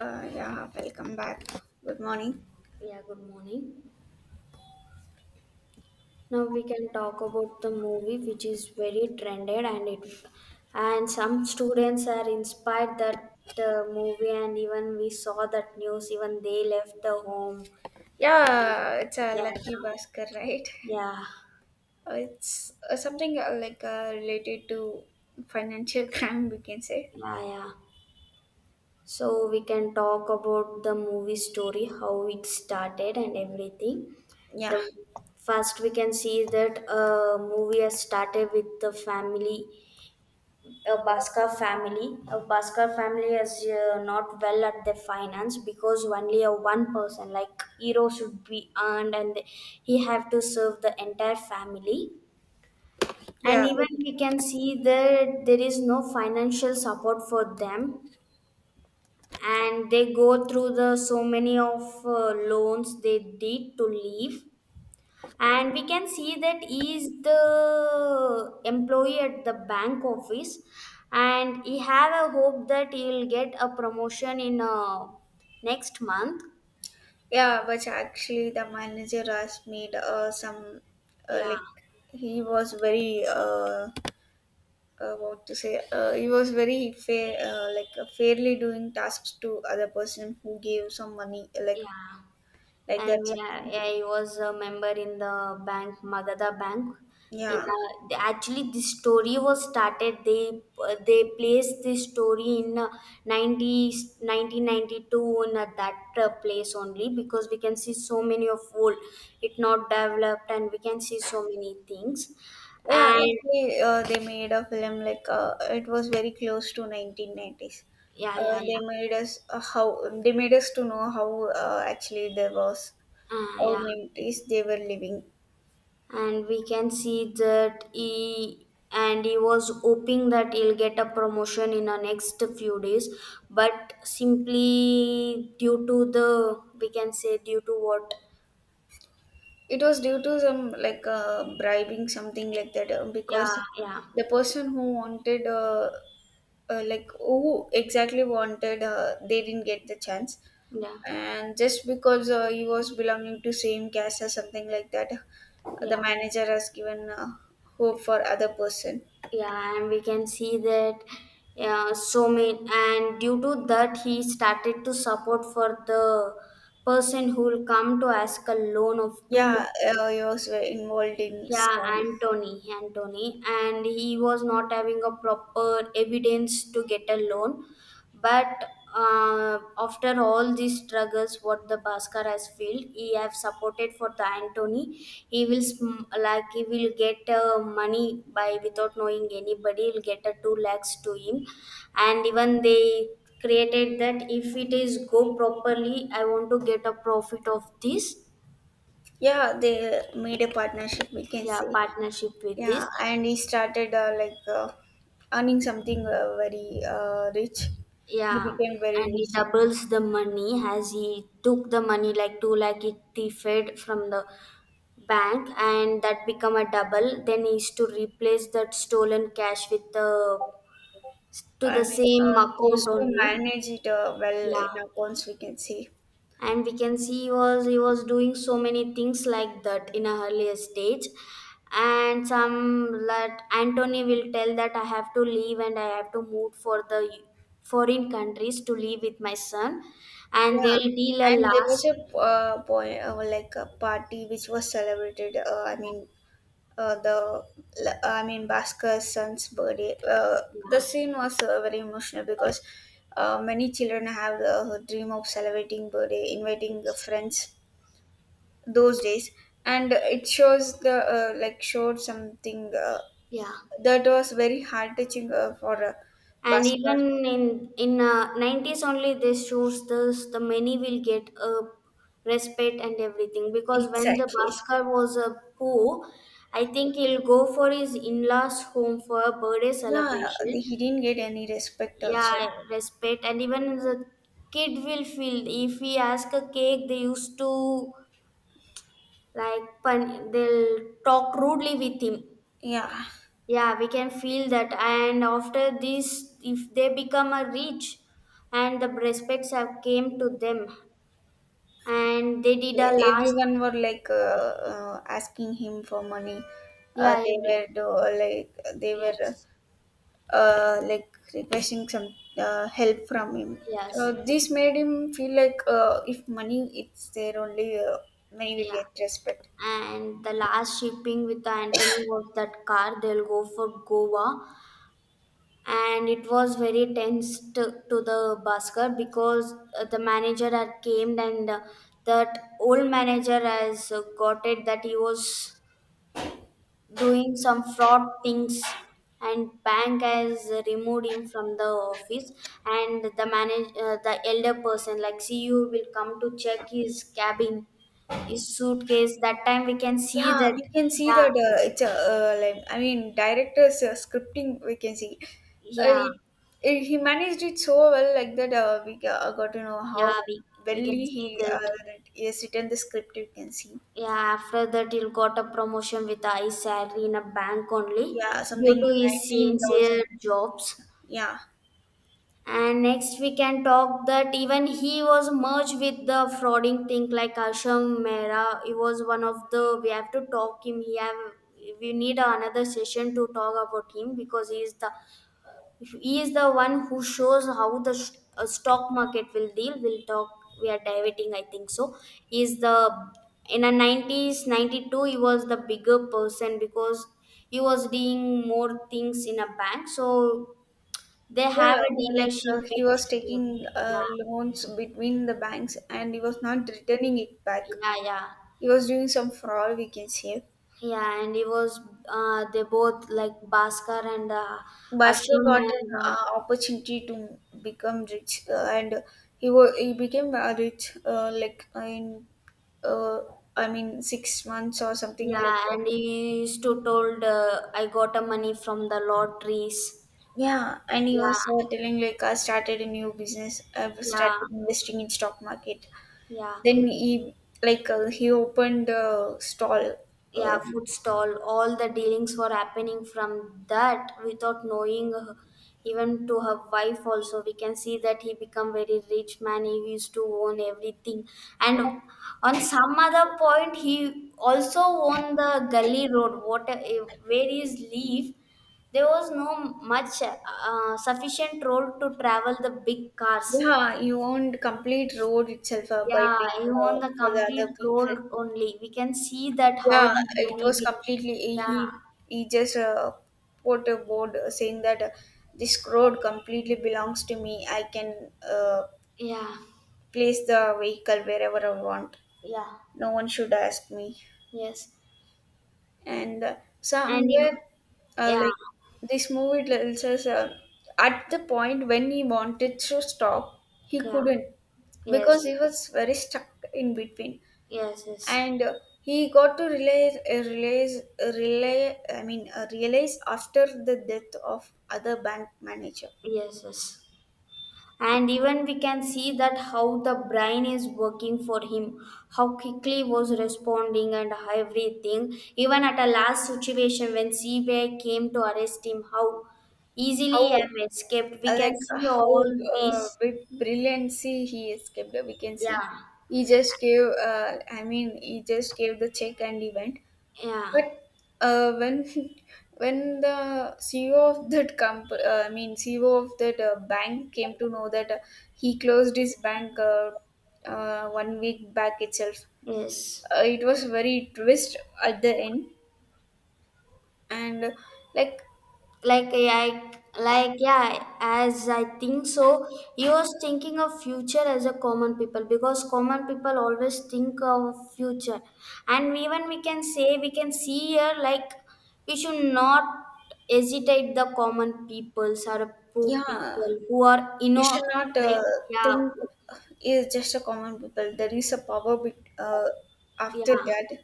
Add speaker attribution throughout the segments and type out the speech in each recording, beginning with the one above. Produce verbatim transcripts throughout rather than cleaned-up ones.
Speaker 1: Uh, yeah, Welcome back. Good morning.
Speaker 2: Yeah, good morning. Now we can talk about the movie which is very trended, and it and some students are inspired that uh, movie. And even we saw that news, even they left the home.
Speaker 1: Yeah, it's a
Speaker 2: Yeah,
Speaker 1: lucky Bhaskar, right?
Speaker 2: yeah, yeah,
Speaker 1: Uh, It's uh, something uh, like uh, related to financial crime, we can say.
Speaker 2: yeah. Yeah. So we can talk about the movie story, how it started and everything.
Speaker 1: Yeah,
Speaker 2: The first we can see that a movie has started with the family a Bhaskar family. A Bhaskar family is uh, not well at their finance, because only a one person like hero should be earned, and he have to serve the entire family. And
Speaker 1: yeah,
Speaker 2: even we can see that there is no financial support for them, and they go through the so many of uh, loans they did to leave. And we can see that he is the employee at the bank office, and he have a hope that he will get a promotion in uh, next month.
Speaker 1: yeah. But actually, the manager has made uh, some uh,
Speaker 2: Yeah.
Speaker 1: like he was very uh, uh what to say, uh, he was very fair, uh, like uh, fairly doing tasks to other person who gave some money, like
Speaker 2: Yeah.
Speaker 1: like
Speaker 2: And
Speaker 1: that
Speaker 2: yeah,
Speaker 1: something.
Speaker 2: yeah, I was a member in the bank, Magadha Bank. In
Speaker 1: Yeah.
Speaker 2: uh, the- actually, this story was started. They uh, they placed this story in uh, ninety, nineteen ninety-two, in uh, that uh, place only, because we can see so many of old, it not developed, and we can see so many things.
Speaker 1: Yeah,
Speaker 2: And
Speaker 1: actually, uh, they made a film like, uh, it was very close to nineteen nineties.
Speaker 2: yeah,
Speaker 1: Uh,
Speaker 2: yeah,
Speaker 1: they
Speaker 2: yeah,
Speaker 1: made us uh, how they made us to know how, uh, actually there was
Speaker 2: uh,
Speaker 1: how
Speaker 2: yeah.
Speaker 1: nineties they were living.
Speaker 2: And we can see that he and he was hoping that he'll get a promotion in the next few days, but simply due to the we can say, due to what?
Speaker 1: It was due to some, like, uh, bribing something like that, uh,
Speaker 2: Yeah,
Speaker 1: because
Speaker 2: yeah,
Speaker 1: the person who wanted, uh, uh, like who exactly wanted, uh, they didn't get the chance,
Speaker 2: yeah,
Speaker 1: and just because uh, he was belonging to same caste or something like that,
Speaker 2: yeah,
Speaker 1: the manager has given uh, hope for other person.
Speaker 2: yeah. And we can see that, yeah, so many. And due to that, he started to support for the person who will come to ask a loan of 2
Speaker 1: Yeah,
Speaker 2: lakhs.
Speaker 1: uh, he was very involved in
Speaker 2: Yeah,
Speaker 1: scams.
Speaker 2: Anthony, Anthony, and he was not having a proper evidence to get a loan. But uh, after all these struggles, what the Bhaskar has felt, he have supported for the Anthony. He will sm- like he will get uh, money by without knowing anybody. He'll get a two lakhs to him, and even they created that if it is go properly, I want to get a profit of this.
Speaker 1: Yeah, they made a partnership, we can
Speaker 2: Yeah,
Speaker 1: say.
Speaker 2: partnership with
Speaker 1: Yeah,
Speaker 2: this.
Speaker 1: and he started uh, like uh, earning something uh, very uh, rich. He
Speaker 2: Yeah,
Speaker 1: became
Speaker 2: and
Speaker 1: very
Speaker 2: he
Speaker 1: rich.
Speaker 2: doubles the money, as he took the money like 2 lakh, it thieved from the bank and that become a double. Then he is to replace that stolen cash with the to
Speaker 1: I
Speaker 2: the
Speaker 1: mean,
Speaker 2: same
Speaker 1: uh, he
Speaker 2: account
Speaker 1: used to
Speaker 2: only.
Speaker 1: manage it uh, well
Speaker 2: Yeah,
Speaker 1: in accounts, we can say.
Speaker 2: and we can see he was he was doing so many things like that in a earlier stage. And some, that Antony will tell that I have to leave and I have to move for the foreign countries to live with my son, and
Speaker 1: Yeah,
Speaker 2: they'll deal a
Speaker 1: and there was
Speaker 2: last.
Speaker 1: a uh, point, uh, like a party which was celebrated. Uh, I
Speaker 2: Yeah,
Speaker 1: mean, uh, the I mean Bhaskar son's birthday. Uh, the
Speaker 2: yeah.
Speaker 1: scene was uh, very emotional because uh, many children have the dream of celebrating birthday, inviting the
Speaker 2: Yes.
Speaker 1: friends those days, and it shows the, uh, like showed something uh,
Speaker 2: Yeah.
Speaker 1: that was very heart touching uh, for uh,
Speaker 2: And
Speaker 1: Bhaskar.
Speaker 2: even in in uh, nineties only, they shows this, the many will get a respect and everything, because when the
Speaker 1: Exactly.
Speaker 2: Bhaskar was a poor, I think he'll go for his in-laws home for a birthday
Speaker 1: Yeah,
Speaker 2: celebration.
Speaker 1: he didn't get any respect also.
Speaker 2: Yeah, respect. And even the kid will feel, if he ask a cake they used to like pun- they'll talk rudely with him.
Speaker 1: Yeah.
Speaker 2: Yeah, we can feel that. And after this, if they become a rich, and the respects have came to them, and they did a last.
Speaker 1: Everyone were like, uh, uh, asking him for money, uh,
Speaker 2: Yeah.
Speaker 1: they
Speaker 2: Every-
Speaker 1: were do, like they were,
Speaker 2: yes.
Speaker 1: uh, like requesting some uh, help from him, so
Speaker 2: Yes.
Speaker 1: this made him feel like, uh, if money it's there only, uh, money will
Speaker 2: Yeah.
Speaker 1: get respect.
Speaker 2: And the last shipping with Anthony was that car they'll go for Goa. And it was very tense to, to, the busker, because uh, the manager had came. And uh, that old manager has uh, got it that he was doing some fraud things, and bank has removed him from the office. And the manage uh, the elder person like c e o will come to check his cabin, his suitcase. That time we can see
Speaker 1: Yeah,
Speaker 2: that.
Speaker 1: we can see
Speaker 2: Yeah,
Speaker 1: that, uh, it's a, uh, like I mean director's uh, scripting we can see. Uh,
Speaker 2: yeah,
Speaker 1: it, it, he managed it so well like that, uh, we got, uh, got to know how
Speaker 2: yeah. we
Speaker 1: well
Speaker 2: we can
Speaker 1: he
Speaker 2: see
Speaker 1: uh,
Speaker 2: that.
Speaker 1: that he has written the script, you can see.
Speaker 2: Yeah, after that he got a promotion with his salary in a bank only,
Speaker 1: Yeah,
Speaker 2: due
Speaker 1: something
Speaker 2: to his sincere
Speaker 1: nineteen thousand.
Speaker 2: jobs.
Speaker 1: Yeah.
Speaker 2: And next we can talk that even he was merged with the frauding thing like Asham Mehra. He was one of the, we have to talk him. He have, we need another session to talk about him, because he is the he is the one who shows how the sh- uh, stock market will deal. We'll talk. We are diverting, I think so. He is the In a nineties, ninety two, he was the bigger person because he was doing more things in a bank. So they
Speaker 1: Yeah,
Speaker 2: have a
Speaker 1: like,
Speaker 2: dealership
Speaker 1: uh, he
Speaker 2: with
Speaker 1: was
Speaker 2: him.
Speaker 1: taking uh,
Speaker 2: Yeah,
Speaker 1: loans between the banks and he was not returning it back.
Speaker 2: yeah, yeah.
Speaker 1: He was doing some fraud, we can say.
Speaker 2: Yeah, and he was, uh, they both like Bhaskar and uh,
Speaker 1: Bhaskar
Speaker 2: Ashram
Speaker 1: got an
Speaker 2: and uh,
Speaker 1: uh, opportunity to become rich, uh, and he wa- he became uh, rich, uh, like in uh, I mean six months or something like
Speaker 2: yeah,
Speaker 1: that.
Speaker 2: and he used to told uh, I got a money from the lotteries.
Speaker 1: Yeah, and he was uh,
Speaker 2: Yeah,
Speaker 1: telling like I started a new business. I've
Speaker 2: yeah,
Speaker 1: started investing in stock market.
Speaker 2: yeah.
Speaker 1: Then he, like, uh, he opened a stall.
Speaker 2: Yeah,
Speaker 1: Uh,
Speaker 2: food stall, all the dealings were happening from that without knowing her- Even to her wife also, we can see that he become very rich man, he used to own everything. And on some other point he also owned the gully road, what eh, where is leave, there was no much uh, sufficient road to travel the big cars.
Speaker 1: yeah, he owned complete road itself uh, by
Speaker 2: Yeah,
Speaker 1: paying
Speaker 2: he
Speaker 1: uh,
Speaker 2: owned the
Speaker 1: for the
Speaker 2: complete
Speaker 1: other
Speaker 2: road
Speaker 1: people.
Speaker 2: only, we can see that how
Speaker 1: Yeah,
Speaker 2: the
Speaker 1: it
Speaker 2: money
Speaker 1: was
Speaker 2: will.
Speaker 1: completely
Speaker 2: Yeah.
Speaker 1: he, he just uh, put a board saying that uh, this road completely belongs to me. I can uh,
Speaker 2: Yeah.
Speaker 1: place the vehicle wherever I want.
Speaker 2: Yeah.
Speaker 1: No one should ask me.
Speaker 2: Yes.
Speaker 1: And uh,
Speaker 2: And even,
Speaker 1: somewhere, uh,
Speaker 2: yeah.
Speaker 1: like this movie tells us, uh, at the point when he wanted to stop, he
Speaker 2: Yeah.
Speaker 1: couldn't because
Speaker 2: Yes.
Speaker 1: he was very stuck in between.
Speaker 2: Yes. Yes.
Speaker 1: And uh, he got to realize, uh, realize, uh, rely, I mean, uh, realize after the death of other bank manager,
Speaker 2: Yes. Yes. And even we can see that how the brain is working for him, how quickly was responding and everything. Even at a last situation when C B I came to arrest him, how easily I
Speaker 1: how,
Speaker 2: have escaped. We
Speaker 1: uh,
Speaker 2: can
Speaker 1: like, uh,
Speaker 2: see all
Speaker 1: how uh,
Speaker 2: these.
Speaker 1: with brilliancy he escaped. uh, We can see
Speaker 2: Yeah.
Speaker 1: he just gave, uh, I mean, he just gave the check and he went.
Speaker 2: Yeah.
Speaker 1: But uh, when when the C E O of that comp, uh, I mean C E O of that uh, bank came to know that uh, he closed his bank uh, uh, one week back itself,
Speaker 2: Yes.
Speaker 1: uh, it was very twist at the end, and uh, like
Speaker 2: Like, I, like, yeah, as I think so, he was thinking of future as a common people, because common people always think of future. And even we can say, we can see here, like, we should not hesitate the common peoples or poor
Speaker 1: yeah,
Speaker 2: people who are you
Speaker 1: you
Speaker 2: know
Speaker 1: should not uh,
Speaker 2: Like, yeah,
Speaker 1: think is just a common people. There is a power be- uh, after
Speaker 2: yeah,
Speaker 1: that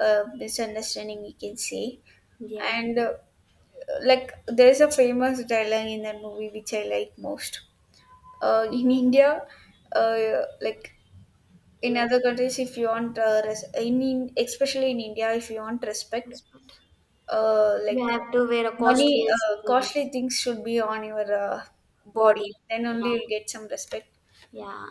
Speaker 1: uh, misunderstanding, we can say.
Speaker 2: yeah,
Speaker 1: And uh, like there is a famous dialogue in that movie which I like most. Uh, in India, uh, like in
Speaker 2: le-
Speaker 1: other countries, if you want uh, res- in, in especially in India, if you want respect, uh, like
Speaker 2: you have to wear a
Speaker 1: money,
Speaker 2: costliest
Speaker 1: uh,
Speaker 2: things,
Speaker 1: costly things should be on your uh,
Speaker 2: body.
Speaker 1: body. Then only
Speaker 2: Yeah,
Speaker 1: you'll get some respect.
Speaker 2: yeah.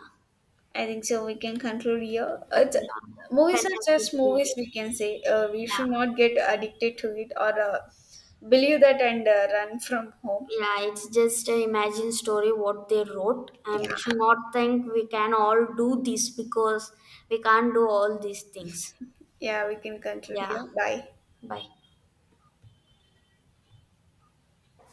Speaker 1: I think so. We can conclude here. Uh, th-
Speaker 2: Yeah.
Speaker 1: movies are just
Speaker 2: Fantastic
Speaker 1: movies,
Speaker 2: movie.
Speaker 1: we can say. Uh, we should
Speaker 2: Yeah.
Speaker 1: not get addicted to it or uh, believe that and uh, run from home.
Speaker 2: Yeah, it's just a imagine story what they wrote, and
Speaker 1: Yeah.
Speaker 2: we should not think we can all do this because we can't do all these things.
Speaker 1: Yeah, we can conclude
Speaker 2: Yeah,
Speaker 1: here. Bye.
Speaker 2: bye.